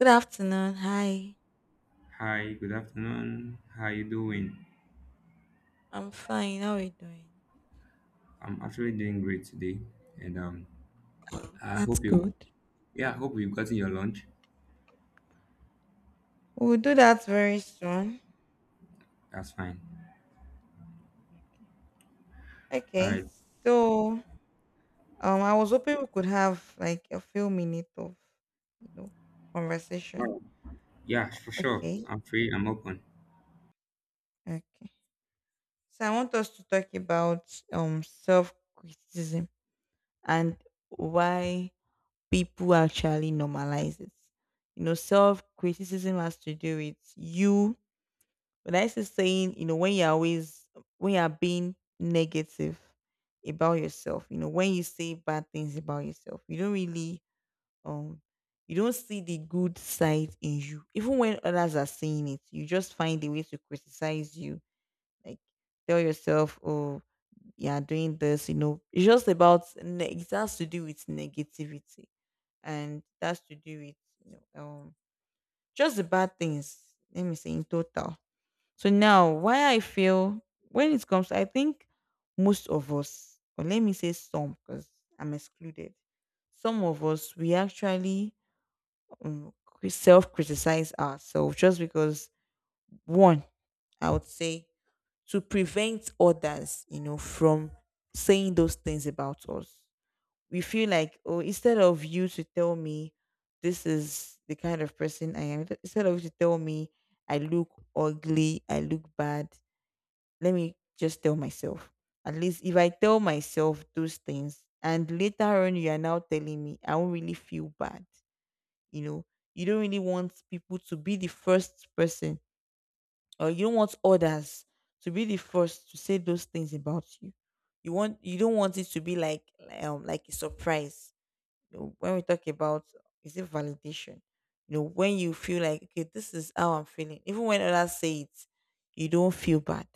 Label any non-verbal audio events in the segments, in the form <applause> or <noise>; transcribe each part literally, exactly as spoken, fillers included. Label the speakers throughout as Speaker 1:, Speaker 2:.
Speaker 1: Good afternoon. Hi.
Speaker 2: Hi, good afternoon. How you doing?
Speaker 1: I'm fine. How are you doing?
Speaker 2: I'm actually doing great today, and um, I
Speaker 1: That's
Speaker 2: hope you,
Speaker 1: good.
Speaker 2: yeah, I hope you've gotten your lunch.
Speaker 1: We'll do that very soon.
Speaker 2: That's fine. All
Speaker 1: Okay.
Speaker 2: right.
Speaker 1: So, um, I was hoping we could have like a few minutes of, you know, conversation.
Speaker 2: Wow. Yeah, for sure.
Speaker 1: Okay.
Speaker 2: I'm free. I'm open.
Speaker 1: Okay. So I want us to talk about um self-criticism and why people actually normalize it. You know, self-criticism has to do with you. But I still saying, you know, when you're always when you're being negative about yourself, you know, when you say bad things about yourself, you don't really um you don't see the good side in you. Even when others are saying it, you just find a way to criticize you. Like tell yourself, oh, you're doing this, you know. It's just about ne- it has to do with negativity and it has to do with you know um just the bad things. Let me say in total. So now, why I feel when it comes, I think most of us, or let me say some, because I'm excluded. Some of us, we actually um, self criticize ourselves just because one, I would say, to prevent others, you know, from saying those things about us. We feel like, oh, instead of you to tell me this is the kind of person I am, instead of you to tell me I look ugly, I look bad, let me just tell myself. At least if I tell myself those things and later on you are now telling me, I won't really feel bad. You know, you don't really want people to be the first person or you don't want others to be the first to say those things about you. You want you don't want it to be like um like a surprise, you know, when we talk about is it validation? You know, when you feel like okay, this is how I'm feeling, even when others say it, you don't feel bad.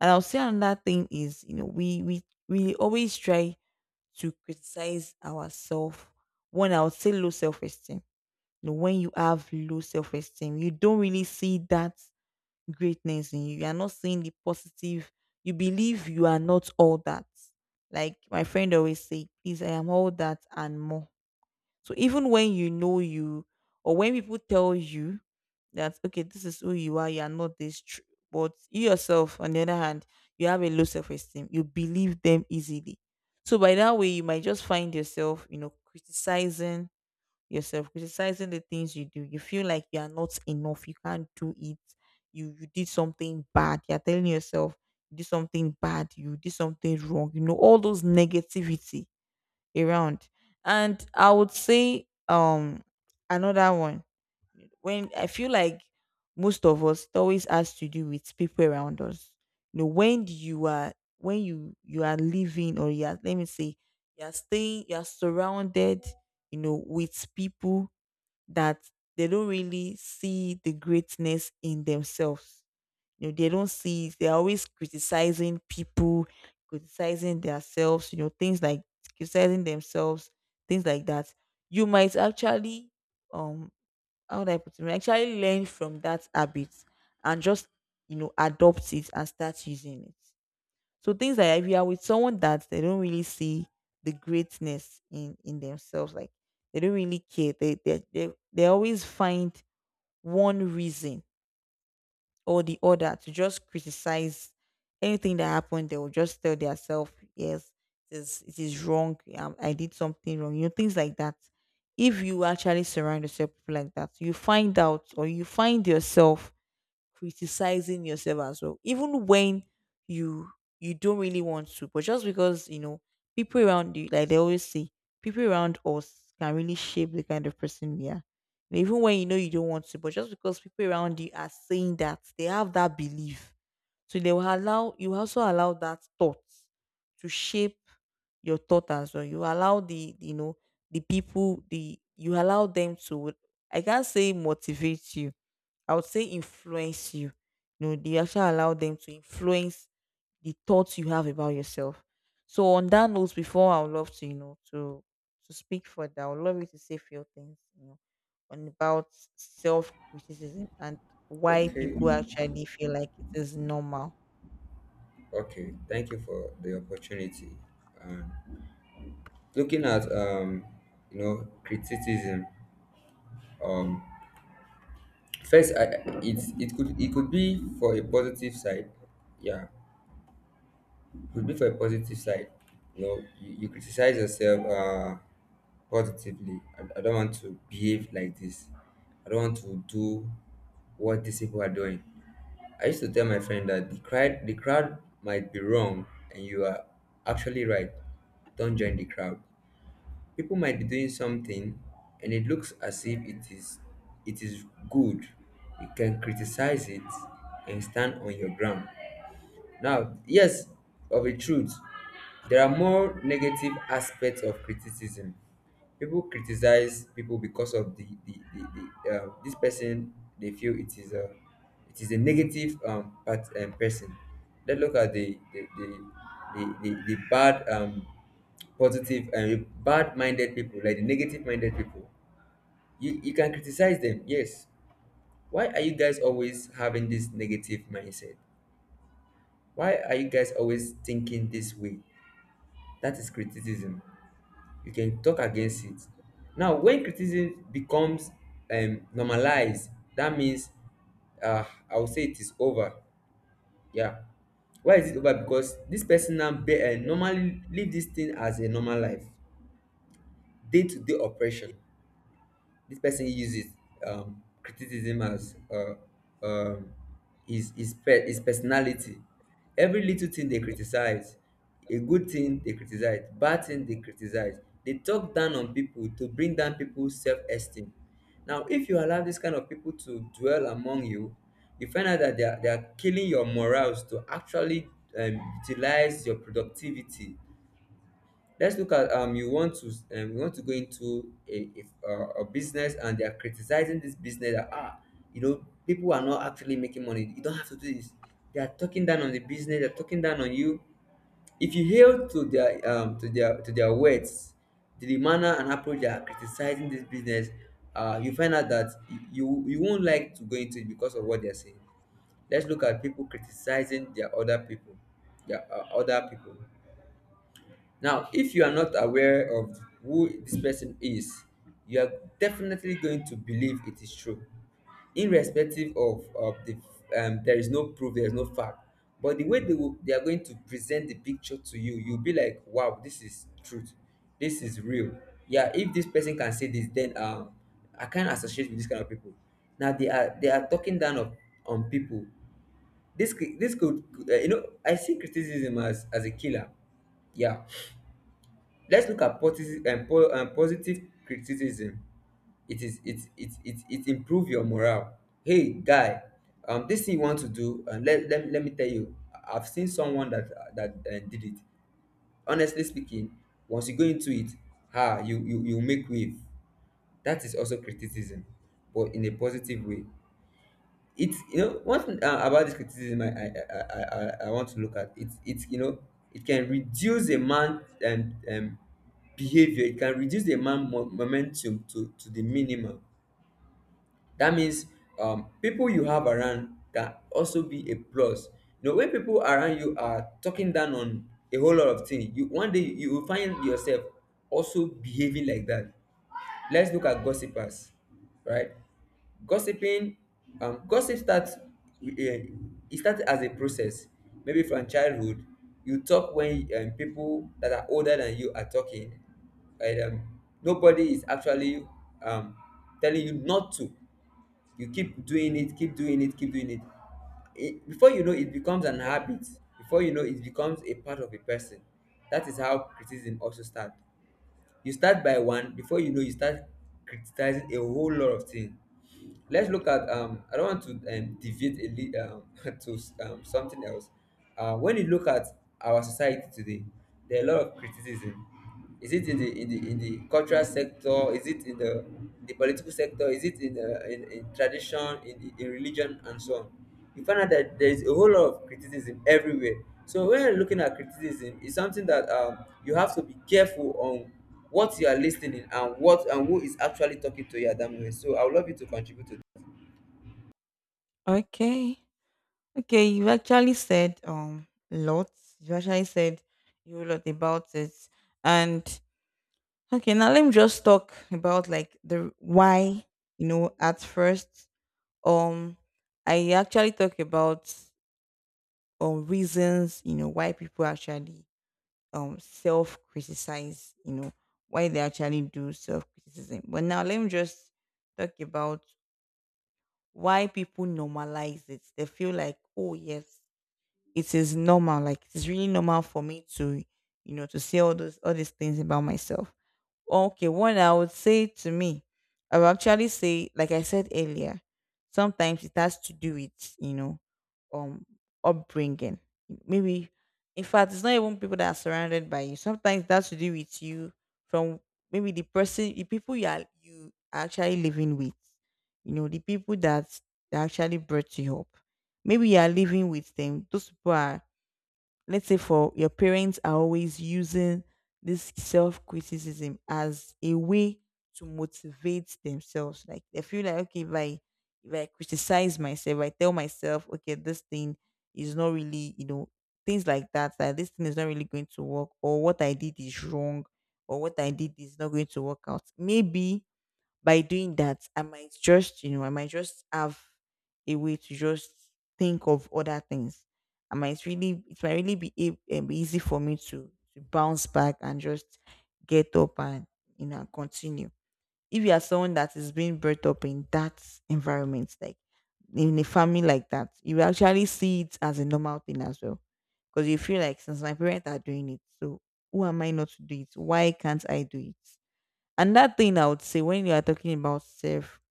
Speaker 1: And I'll say another thing is, you know, we we we always try to criticize ourselves. One, I would say low self esteem. You know, when you have low self esteem, you don't really see that greatness in you. You are not seeing the positive. You believe you are not all that. Like my friend always say, please, I am all that and more. So even when you know you, or when people tell you that okay, this is who you are, you are not this, tr- but you yourself, on the other hand, you have a low self-esteem. You believe them easily. So by that way, you might just find yourself, you know, criticizing yourself, criticizing the things you do. You feel like you are not enough. You can't do it. You you did something bad. You are telling yourself you did something bad. You did something wrong. You know all those negativity around. And I would say um another one when I feel like most of us it always has to do with people around us. You know, when you are when you you are living or you are, let me say, you are staying, you are surrounded, you know, with people that they don't really see the greatness in themselves, you know, they don't see it. They're always criticizing people, criticizing themselves, you know, things like criticizing themselves, things like that. You might actually, um, how would I put it? You might actually learn from that habit and just, you know, adopt it and start using it. So things like if you are with someone that they don't really see the greatness in in themselves, like they don't really care. They they they, they always find one reason or the other to just criticize anything that happened. They will just tell themselves, yes, it is, it is wrong. Um, I did something wrong. You know, things like that. If you actually surround yourself with people like that, you find out or you find yourself criticizing yourself as well even when you you don't really want to but just because you know people around you, like they always say, people around us can really shape the kind of person we are. And even when you know you don't want to but just because people around you are saying that they have that belief, so they will allow you also allow that thought to shape your thought as well. You allow the, you know, the people the you allow them to, I can't say motivate you, I would say influence you. You know, they actually allow them to influence the thoughts you have about yourself. So on that note, before I would love to, you know, to to speak further, I would love you to say few things, you know, on about self criticism and why
Speaker 2: Okay,
Speaker 1: people actually feel like it is normal.
Speaker 2: okay. Thank you for the opportunity. Um, Looking at um, you know, criticism. Um, first, I, it's it could it could be for a positive side. Yeah, it could be for a positive side. You know, you, you criticize yourself. Uh, positively I, I don't want to behave like this. I don't want to do what these people are doing. I used to tell my friend that the crowd the crowd might be wrong and you are actually right. Don't join the crowd. People might be doing something and it looks as if it is it is good. You can criticize it and stand on your ground. Now, yes, of a truth, there are more negative aspects of criticism. People criticize people because of the the, the, the uh, this person. They feel it is a it is a negative um, part, um person. Let's look at the the the, the, the, the bad um positive and bad minded people like the negative minded people. You you can criticize them, yes. Why are you guys always having this negative mindset? Why are you guys always thinking this way? That is criticism. You can talk against it. Now, when criticism becomes um, normalized, that means uh, I would say it is over. Yeah. Why is it over? Because this person now be, uh, normally live this thing as a normal life, day to day operation. This person uses um, criticism as uh, um, his, his, pe- his personality. Every little thing they criticize, a good thing they criticize, bad thing they criticize. They talk down on people to bring down people's self esteem. Now, if you allow this kind of people to dwell among you, you find out that they are, they are killing your morals to actually um, utilize your productivity. Let's look at um you want to um, you want to go into a, if, uh, a business and they are criticizing this business that ah, you know, people are not actually making money. You don't have to do this. They are talking down on the business, they're talking down on you. If you hail to their um to their to their words, to the manner and approach they are criticizing this business, uh you find out that you you won't like to go into it because of what they're saying. Let's look at people criticizing their other people their uh, other people. Now, if you are not aware of who this person is, you are definitely going to believe it is true, irrespective of, of the um, there is no proof, there is no fact. But the way they will, they are going to present the picture to you, you'll be like, wow, this is truth, this is real. Yeah, if this person can say this, then um, I can't associate with this kind of people. Now they are they are talking down of, on people. This could- this could uh, you know, I see criticism as as a killer, yeah. Let's look at positive um, po- um, positive criticism. It is it it it it improve your morale. Hey guy, um this thing you want to do um, let, let let me tell you I- I've seen someone that that uh, did it. Honestly speaking, once you go into it, ah you you you make wave. That is also criticism, but in a positive way. It's You know, one thing uh, about this criticism I, I I I I I want to look at, it's. It's, you know, it can reduce a man um, um behavior. It can reduce a man mo- momentum to to the minimum. That means um people you have around can also be a plus. You know, when people around you are talking down on a whole lot of things, you one day you will find yourself also behaving like that. Let's look at gossipers, right? Gossiping, um, gossip starts, with it starts as a process. Maybe from childhood, you talk when um, people that are older than you are talking, right? Um, nobody is actually um, telling you not to. You keep doing it, keep doing it, keep doing it. it. Before you know, it becomes an habit. Before you know, it becomes a part of a person. That is how criticism also starts. You start by one, before you know, you start criticizing a whole lot of things. Let's look at. Um, I don't want to um, deviate a li- um, <laughs> to um, something else. Uh, when you look at our society today, there are a lot of criticism. Is it in the in the in the cultural sector? Is it in the the political sector? Is it in the, in, in tradition, in, in religion, and so on? You find out that there is a whole lot of criticism everywhere. So when you're looking at criticism, it's something that um, you have to be careful on what you are listening and what and who is actually talking to you at that moment. So I would love you to contribute to that.
Speaker 1: Okay. Okay, you actually said um lots. You actually said you a lot about it. And okay, now let me just talk about like the why, you know, at first. Um I actually talk about um reasons, you know, why people actually um self criticize, you know, why they actually do self criticism. But now let me just talk about why people normalize it. They feel like, oh yes, it is normal, like it's really normal for me to, you know, to say all those all these things about myself. Okay, one I would say to me, I would actually say, like I said earlier, sometimes it has to do with, you know, um, upbringing. Maybe, in fact, it's not even people that are surrounded by you. Sometimes that's to do with you from maybe the person, the people you are you are actually living with. You know, the people that that actually brought you up. Maybe you are living with them. Those people are, let's say for your parents are always using this self criticism as a way to motivate themselves. Like they feel like okay, if I if I criticize myself, I tell myself, okay, this thing is not really, you know, things like that, that this thing is not really going to work, or what I did is wrong, or what I did is not going to work out. Maybe by doing that, I might just, you know, I might just have a way to just think of other things. I might really, it might really be, a- um, be easy for me to to bounce back and just get up and, you know, continue. If you are someone that is being brought up in that environment, like in a family like that, you will actually see it as a normal thing as well, because you feel like since my parents are doing it, so who am I not to do it? Why can't I do it? Another thing I would say, when you are talking about self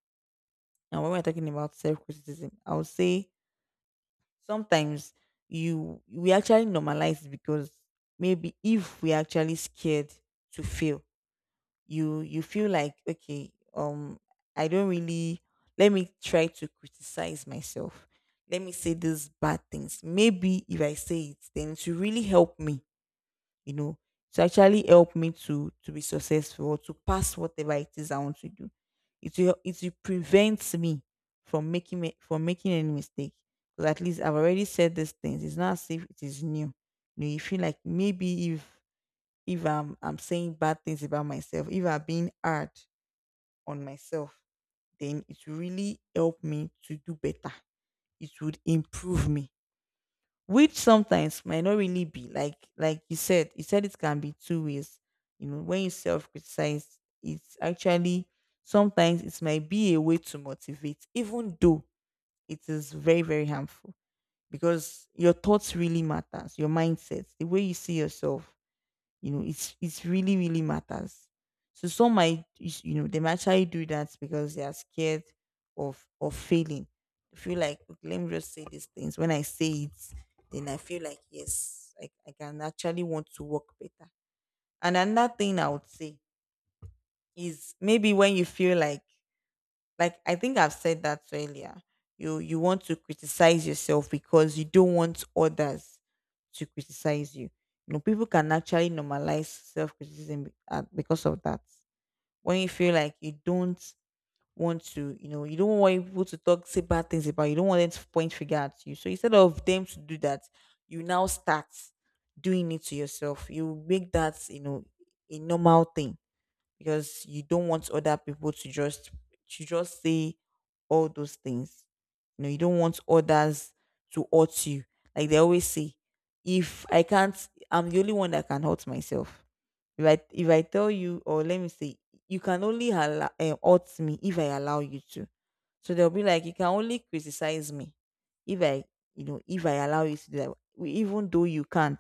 Speaker 1: and when we're talking about self criticism, I would say sometimes you we actually normalize it because maybe if we're actually scared to fail, you you feel like okay, um I don't really, let me try to criticize myself. Let me say these bad things. Maybe if I say it, then it will really help me, you know, to actually help me to to be successful or to pass whatever it is I want to do. It will it will prevent me from making me from making any mistake. Because at least I've already said these things. It's not as if it is new. You know, you feel like maybe if if I'm I'm saying bad things about myself, if I'm being hard on myself, then it will really help me to do better. It would improve me, which sometimes might not really be, like like you said, you said it can be two ways. You know, when you self-criticize, it's actually sometimes it might be a way to motivate, even though it is very very harmful, because your thoughts really matters, your mindset, the way you see yourself, you know, it's it's really really matters. So some might is- you know they might actually do that because they are scared of of failing. They feel like, "Okay, let me just say these things. When I say it, then I feel like yes, I, I can actually want to work better." And another thing I would say is maybe when you feel like like I think I've said that earlier, You you want to criticize yourself because you don't want others to criticize you. You know, people can actually normalize self criticism because of that. When you feel like you don't want to, you know, you don't want people to talk, say bad things about you, you don't want them to point figure at you. So instead of them to do that, you now start doing it to yourself. You make that, you know, a normal thing because you don't want other people to just to just say all those things. You know, you don't want others to hurt you. Like they always say, if I can't, I'm the only one that can hurt myself. If I if I tell you, or let me say, you can only allow, uh, hurt me if I allow you to. So they'll be like, you can only criticize me if I, you know, if I allow you to do that, w- even though you can't,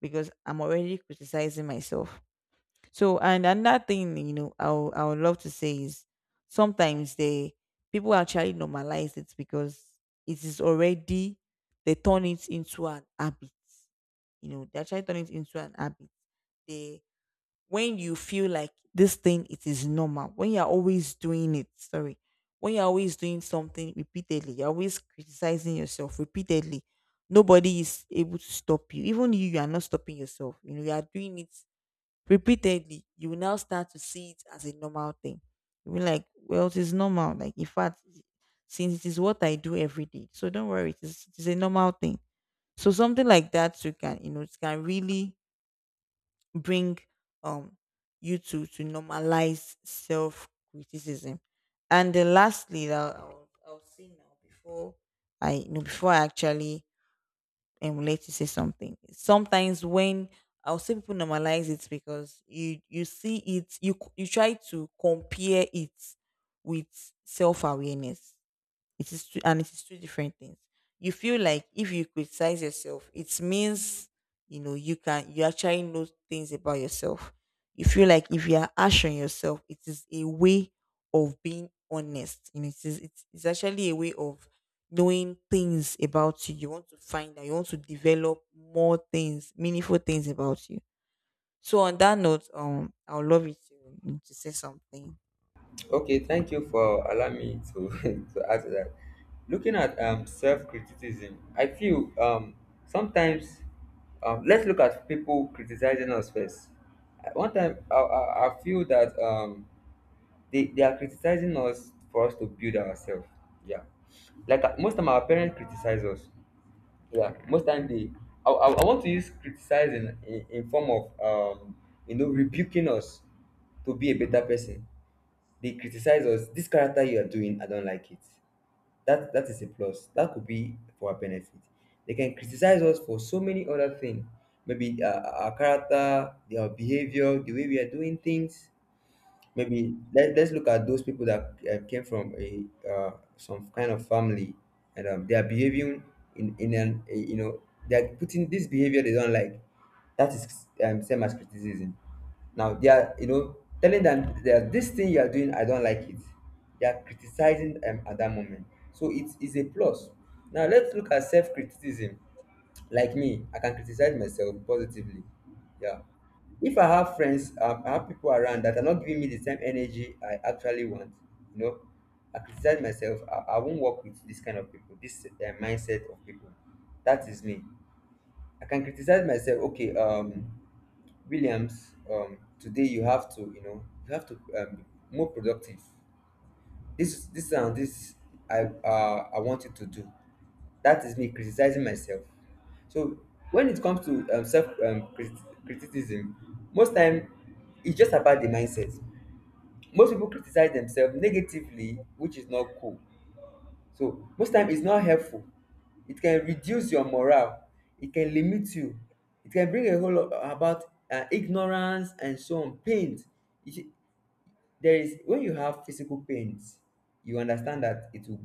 Speaker 1: because I'm already criticizing myself. So and another thing, you know, I would- I would love to say is sometimes they people actually normalize it because it is already, they turn it into an habit. You know, they actually turn it into an habit. They When you feel like this thing it is normal, when you're always doing it, sorry, when you're always doing something repeatedly, you're always criticizing yourself repeatedly. Nobody is able to stop you. Even you, you are not stopping yourself. You know, you are doing it repeatedly, you will now start to see it as a normal thing. You'll be like, well, it is normal. Like, in fact, since it is what I do every day. So don't worry, it is, it is a normal thing. So something like that you can, you know, it can really bring um you to to normalize self criticism. And then lastly, that I'll, I'll see now before I you know before I actually and would like to say something. Sometimes when I'll say people normalize it because you you see it, you you try to compare it with self awareness, it is two, and it is two different things. You feel like if you criticize yourself, it means you know you can you actually know things about yourself. You feel like if you are harsh on yourself, it is a way of being honest. You know, it is it's, it's actually a way of knowing things about you. You want to find out. You want to develop more things, meaningful things about you. So on that note, um, I would love you to, to say something.
Speaker 2: Okay, thank you for allowing me to <laughs> to ask that. Looking at um self criticism, I feel um sometimes um let's look at people criticizing us first. Uh, One time I I, I feel that um they, they are criticizing us for us to build ourselves. Yeah, like uh, most of our parents criticize us. Yeah, most time they i, I, I want to use criticize in, in in form of um you know, rebuking us to be a better person. They criticize us, this character you are doing, I don't like it. That that is a plus, that could be for our benefit. They can criticize us for so many other things, maybe uh, our character, our behavior, the way we are doing things. Maybe let, let's look at those people that uh, came from a uh, some kind of family and um, they are behaving in in an a, you know, they are putting this behavior they don't like. That is um, same as criticism. Now they are, you know, telling them that this thing you are doing, I don't like it. They are criticizing um, at that moment. So it is a plus. Now let's look at self-criticism. Like me, I can criticize myself positively. Yeah, if I have friends um, I have people around that are not giving me the same energy I actually want, you know, I criticize myself. I, I won't work with this kind of people, this uh, mindset of people. That is me. I can criticize myself, okay, um Williams, um today you have to, you know, you have to um, be more productive, this this and this, i uh, I want you to do. That is me criticizing myself. So when it comes to um, self um, crit- criticism, most time it's just about the mindset. Most people criticize themselves negatively, which is not cool. So most time it's not helpful. It can reduce your morale, it can limit you, it can bring a whole lot about uh, ignorance and so on, pain. It, there is when you have physical pains, you understand that it will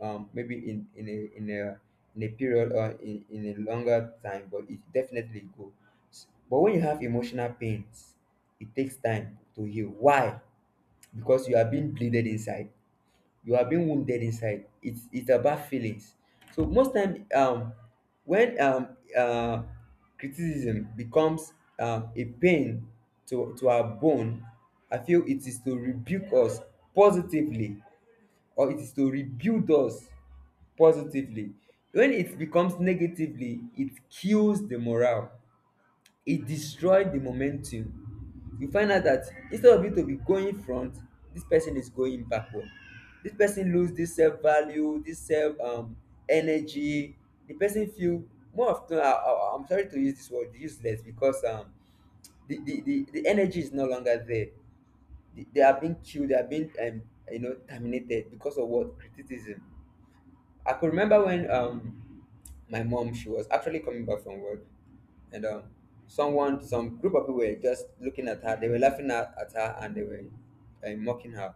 Speaker 2: go um maybe in in a in a in a period or in, in a longer time, but it definitely go. S- but when you have emotional pains, it takes time to heal. Why? Because you are being bleeded inside, you are being wounded inside. It's it's about feelings. So most time, um, when um uh, criticism becomes um, a pain to to our bone, I feel it is to rebuke us positively, or it is to rebuild us positively. When it becomes negatively, it kills the morale, it destroyed the momentum. You find out that instead of you to be going front, this person is going backward. This person lose this self value, this self um, energy. The person feel more often. I, I, I'm sorry to use this word useless because um, the, the, the, the energy is no longer there. They they are being killed. They are being um, you know, terminated because of what, criticism. I could remember when um my mom, she was actually coming back from work, and um someone, some group of people were just looking at her, they were laughing at, at her, and they were uh, mocking her.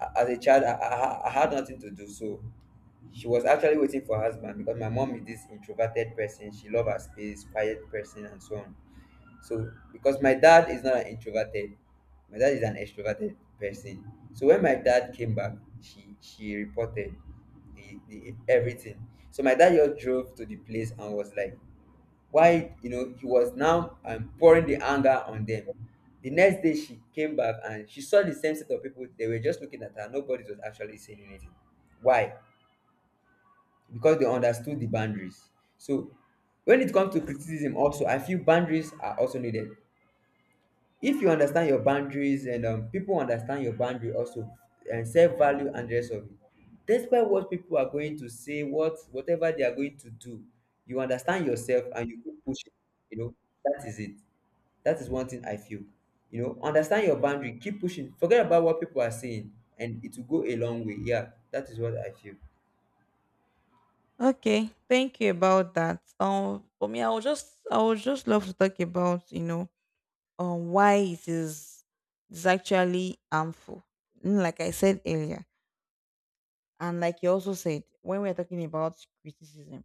Speaker 2: A- as a child I, I, I had nothing to do. So she was actually waiting for her husband because my mom is this introverted person, she loves her space, quiet person and so on. So because my dad is not an introverted, my dad is an extroverted person. So when my dad came back, she she reported the, the everything. So my dad just drove to the place and was like, why, you know, he was now um, pouring the anger on them. The next day she came back and she saw the same set of people. They were just looking at her. Nobody was actually saying anything. Why? Because they understood the boundaries. So when it comes to criticism, also I feel boundaries are also needed. If you understand your boundaries and um, people understand your boundary also, and self value and the rest of it, despite what people are going to say, what whatever they are going to do, you understand yourself and you keep pushing, you know. That is it. That is one thing I feel. You know, understand your boundary, keep pushing, forget about what people are saying, and it will go a long way. Yeah, that is what I feel.
Speaker 1: Okay, thank you about that. Um, for me, I would just I would just love to talk about, you know, um, why it is it's actually harmful. Mm. Like I said earlier, and like you also said, when we're talking about criticism,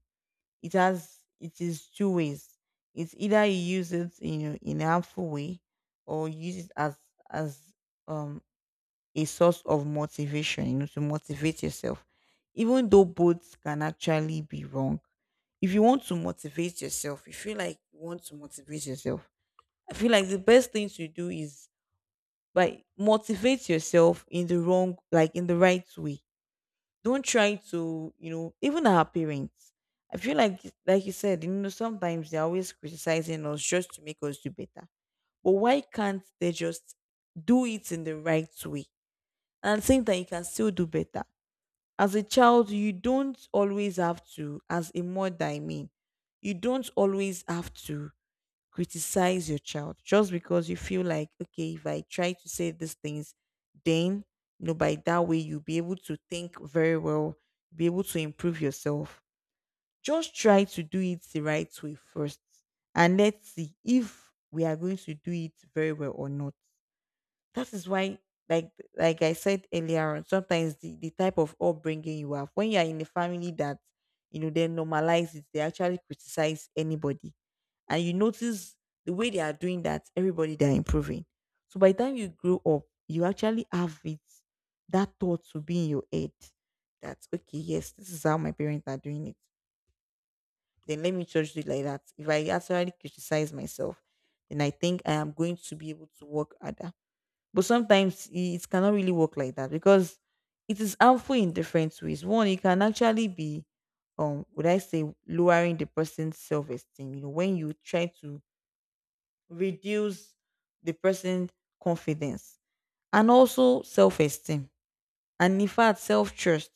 Speaker 1: it has it is two ways. It's either you use it, you know, in a harmful way, or you use it as as um a source of motivation, you know, to motivate yourself. Even though both can actually be wrong, if you want to motivate yourself, you feel like you want to motivate yourself. I feel like the best thing to do is by motivate yourself in the wrong, like in the right way. Don't try to, you know, even our parents. I feel like, like you said, you know, sometimes they're always criticizing us just to make us do better. But why can't they just do it in the right way? And think that you can still do better. As a child, you don't always have to, as a mother, I mean, you don't always have to criticize your child just because you feel like, okay, if I try to say these things, then, you know, by that way, you'll be able to think very well, be able to improve yourself. Just try to do it the right way first, and let's see if we are going to do it very well or not. That is why, like like I said earlier on, sometimes the, the type of upbringing you have, when you are in a family that, you know, they normalize it, they actually criticize anybody. And you notice the way they are doing that, everybody they are improving. So by the time you grow up, you actually have it, that thought to be in your head that, okay, yes, this is how my parents are doing it. Then let me judge it like that. If I actually criticize myself, then I think I am going to be able to work harder, but sometimes it cannot really work like that because it is harmful in different ways. One, it can actually be, um, would I say, lowering the person's self-esteem. You know, when you try to reduce the person's confidence and also self-esteem, and in fact, self-trust,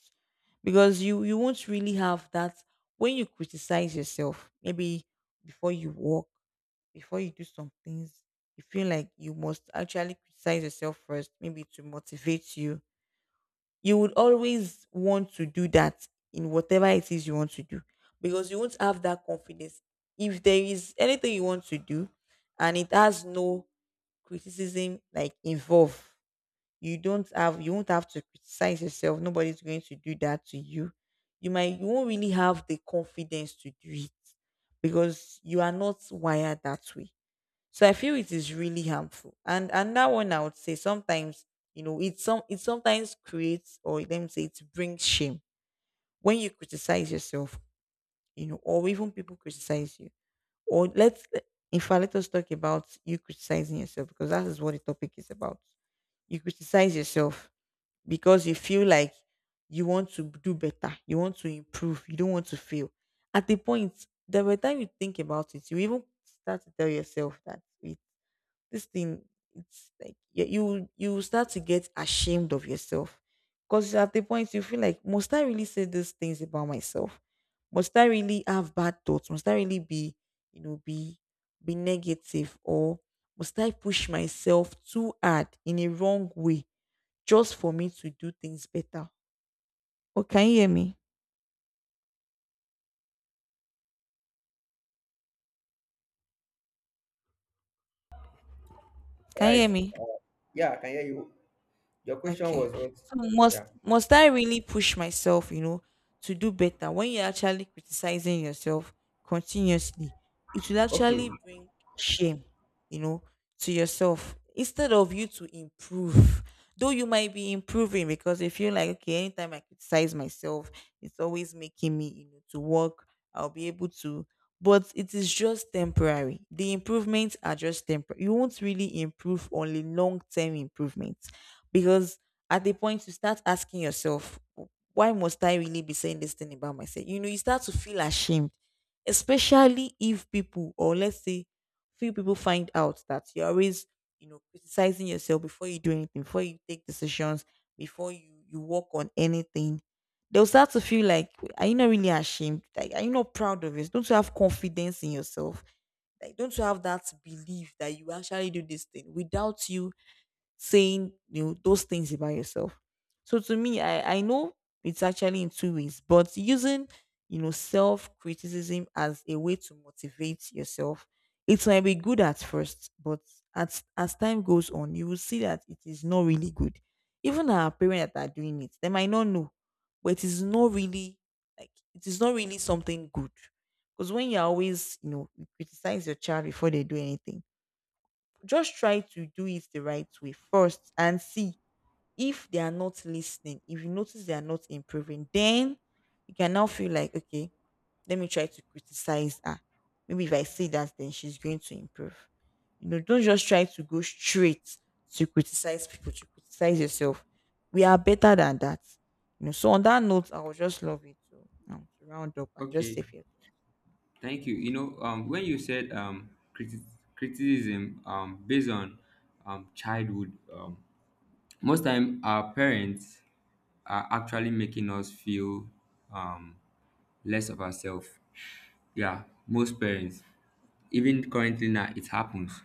Speaker 1: because you you won't really have that when you criticize yourself. Maybe before you walk before you do some things, you feel like you must actually criticize yourself first, maybe to motivate you. You would always want to do that in whatever it is you want to do because you won't have that confidence. If there is anything you want to do and it has no criticism like involved, you don't have you won't have to criticize yourself. Nobody's going to do that to you. You might you won't really have the confidence to do it because you are not wired that way. So I feel it is really harmful. And and that one I would say sometimes, you know, it some it sometimes creates, or let me say, it brings shame when you criticize yourself, you know, or even people criticize you. Or let's, in fact, let us talk about you criticizing yourself because that is what the topic is about. You criticize yourself because you feel like you want to do better, you want to improve, you don't want to fail. At the point, the by the time you think about it, you even start to tell yourself that this thing, it's like you you you will start to get ashamed of yourself because at the point you feel like, must I really say these things about myself? Must I really have bad thoughts? Must I really be, you know, be be negative, or must I push myself too hard in a wrong way just for me to do things better? Oh, can you hear me? Can you
Speaker 2: Right,
Speaker 1: hear me?
Speaker 2: yeah, I can hear you. Your question
Speaker 1: Okay.
Speaker 2: was what?
Speaker 1: So must
Speaker 2: Yeah.
Speaker 1: must I really push myself, you know, to do better when you're actually criticizing yourself continuously? It will
Speaker 2: Okay,
Speaker 1: actually bring shame, you know, to yourself instead of you to improve. Though you might be improving, because if you're like, okay, anytime I criticize myself, it's always making me, you know, to work, I'll be able to, but it is just temporary. The improvements are just temporary. You won't really improve, only long term improvements, because at the point you start asking yourself, why must I really be saying this thing about myself? You know, you start to feel ashamed, especially if people, or let's say few people find out that you're always, you know, criticizing yourself before you do anything, before you take decisions, before you you work on anything, they'll start to feel like, are you not really ashamed? Like, are you not proud of it? Don't you have confidence in yourself? Like, don't you have that belief that you actually do this thing without you saying, you know, those things about yourself. So to me, I I know it's actually in two ways, but using, you know, self criticism as a way to motivate yourself, it might be good at first, but as as time goes on, you will see that it is not really good. Even our parents that are doing it, they might not know, but it is not really, like, it is not really something good. Because when you're always, you know, you criticize your child before they do anything, just try to do it the right way first and see, if they are not listening, if you notice they are not improving, then you can now feel like, okay, let me try to criticize her. Maybe if I say that, then she's going to improve. You know, don't just try to go straight to criticize people, to criticize yourself. We are better than that. You know, so on that note, I would just love it to, um, to round up and just say a
Speaker 2: okay.
Speaker 1: few things.
Speaker 2: Thank you. You know, um, when you said um, criti- criticism um, based on um, childhood, um, most time our parents are actually making us feel um, less of ourselves. Yeah, most parents even currently now it happens,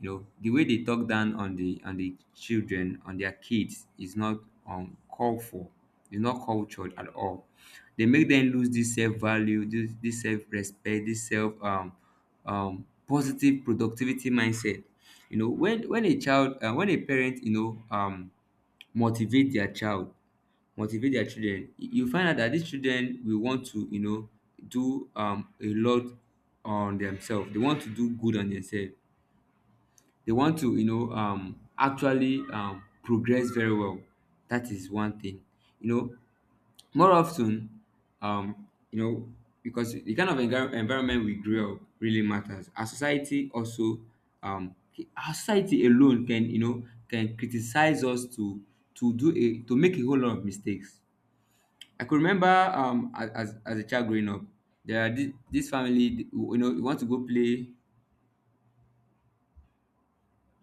Speaker 2: you know, the way they talk down on the on the children, on their kids is not um called for. It's not cultured at all. They make them lose this self-value, this, this self-respect, this self um um positive productivity mindset. You know, when when a child uh, when a parent, you know, um motivate their child, motivate their children, you you find out that these children will want to, you know, do um a lot on themselves. They want to do good on themselves. They want to, you know, um actually um progress very well. That is one thing. You know, more often, um, you know, because the kind of envir- environment we grew up really matters. Our society also, um, our society alone can, you know, can criticize us to to do a to make a whole lot of mistakes. I could remember um a- as as a child growing up, there are this, this family, you know, you want to go play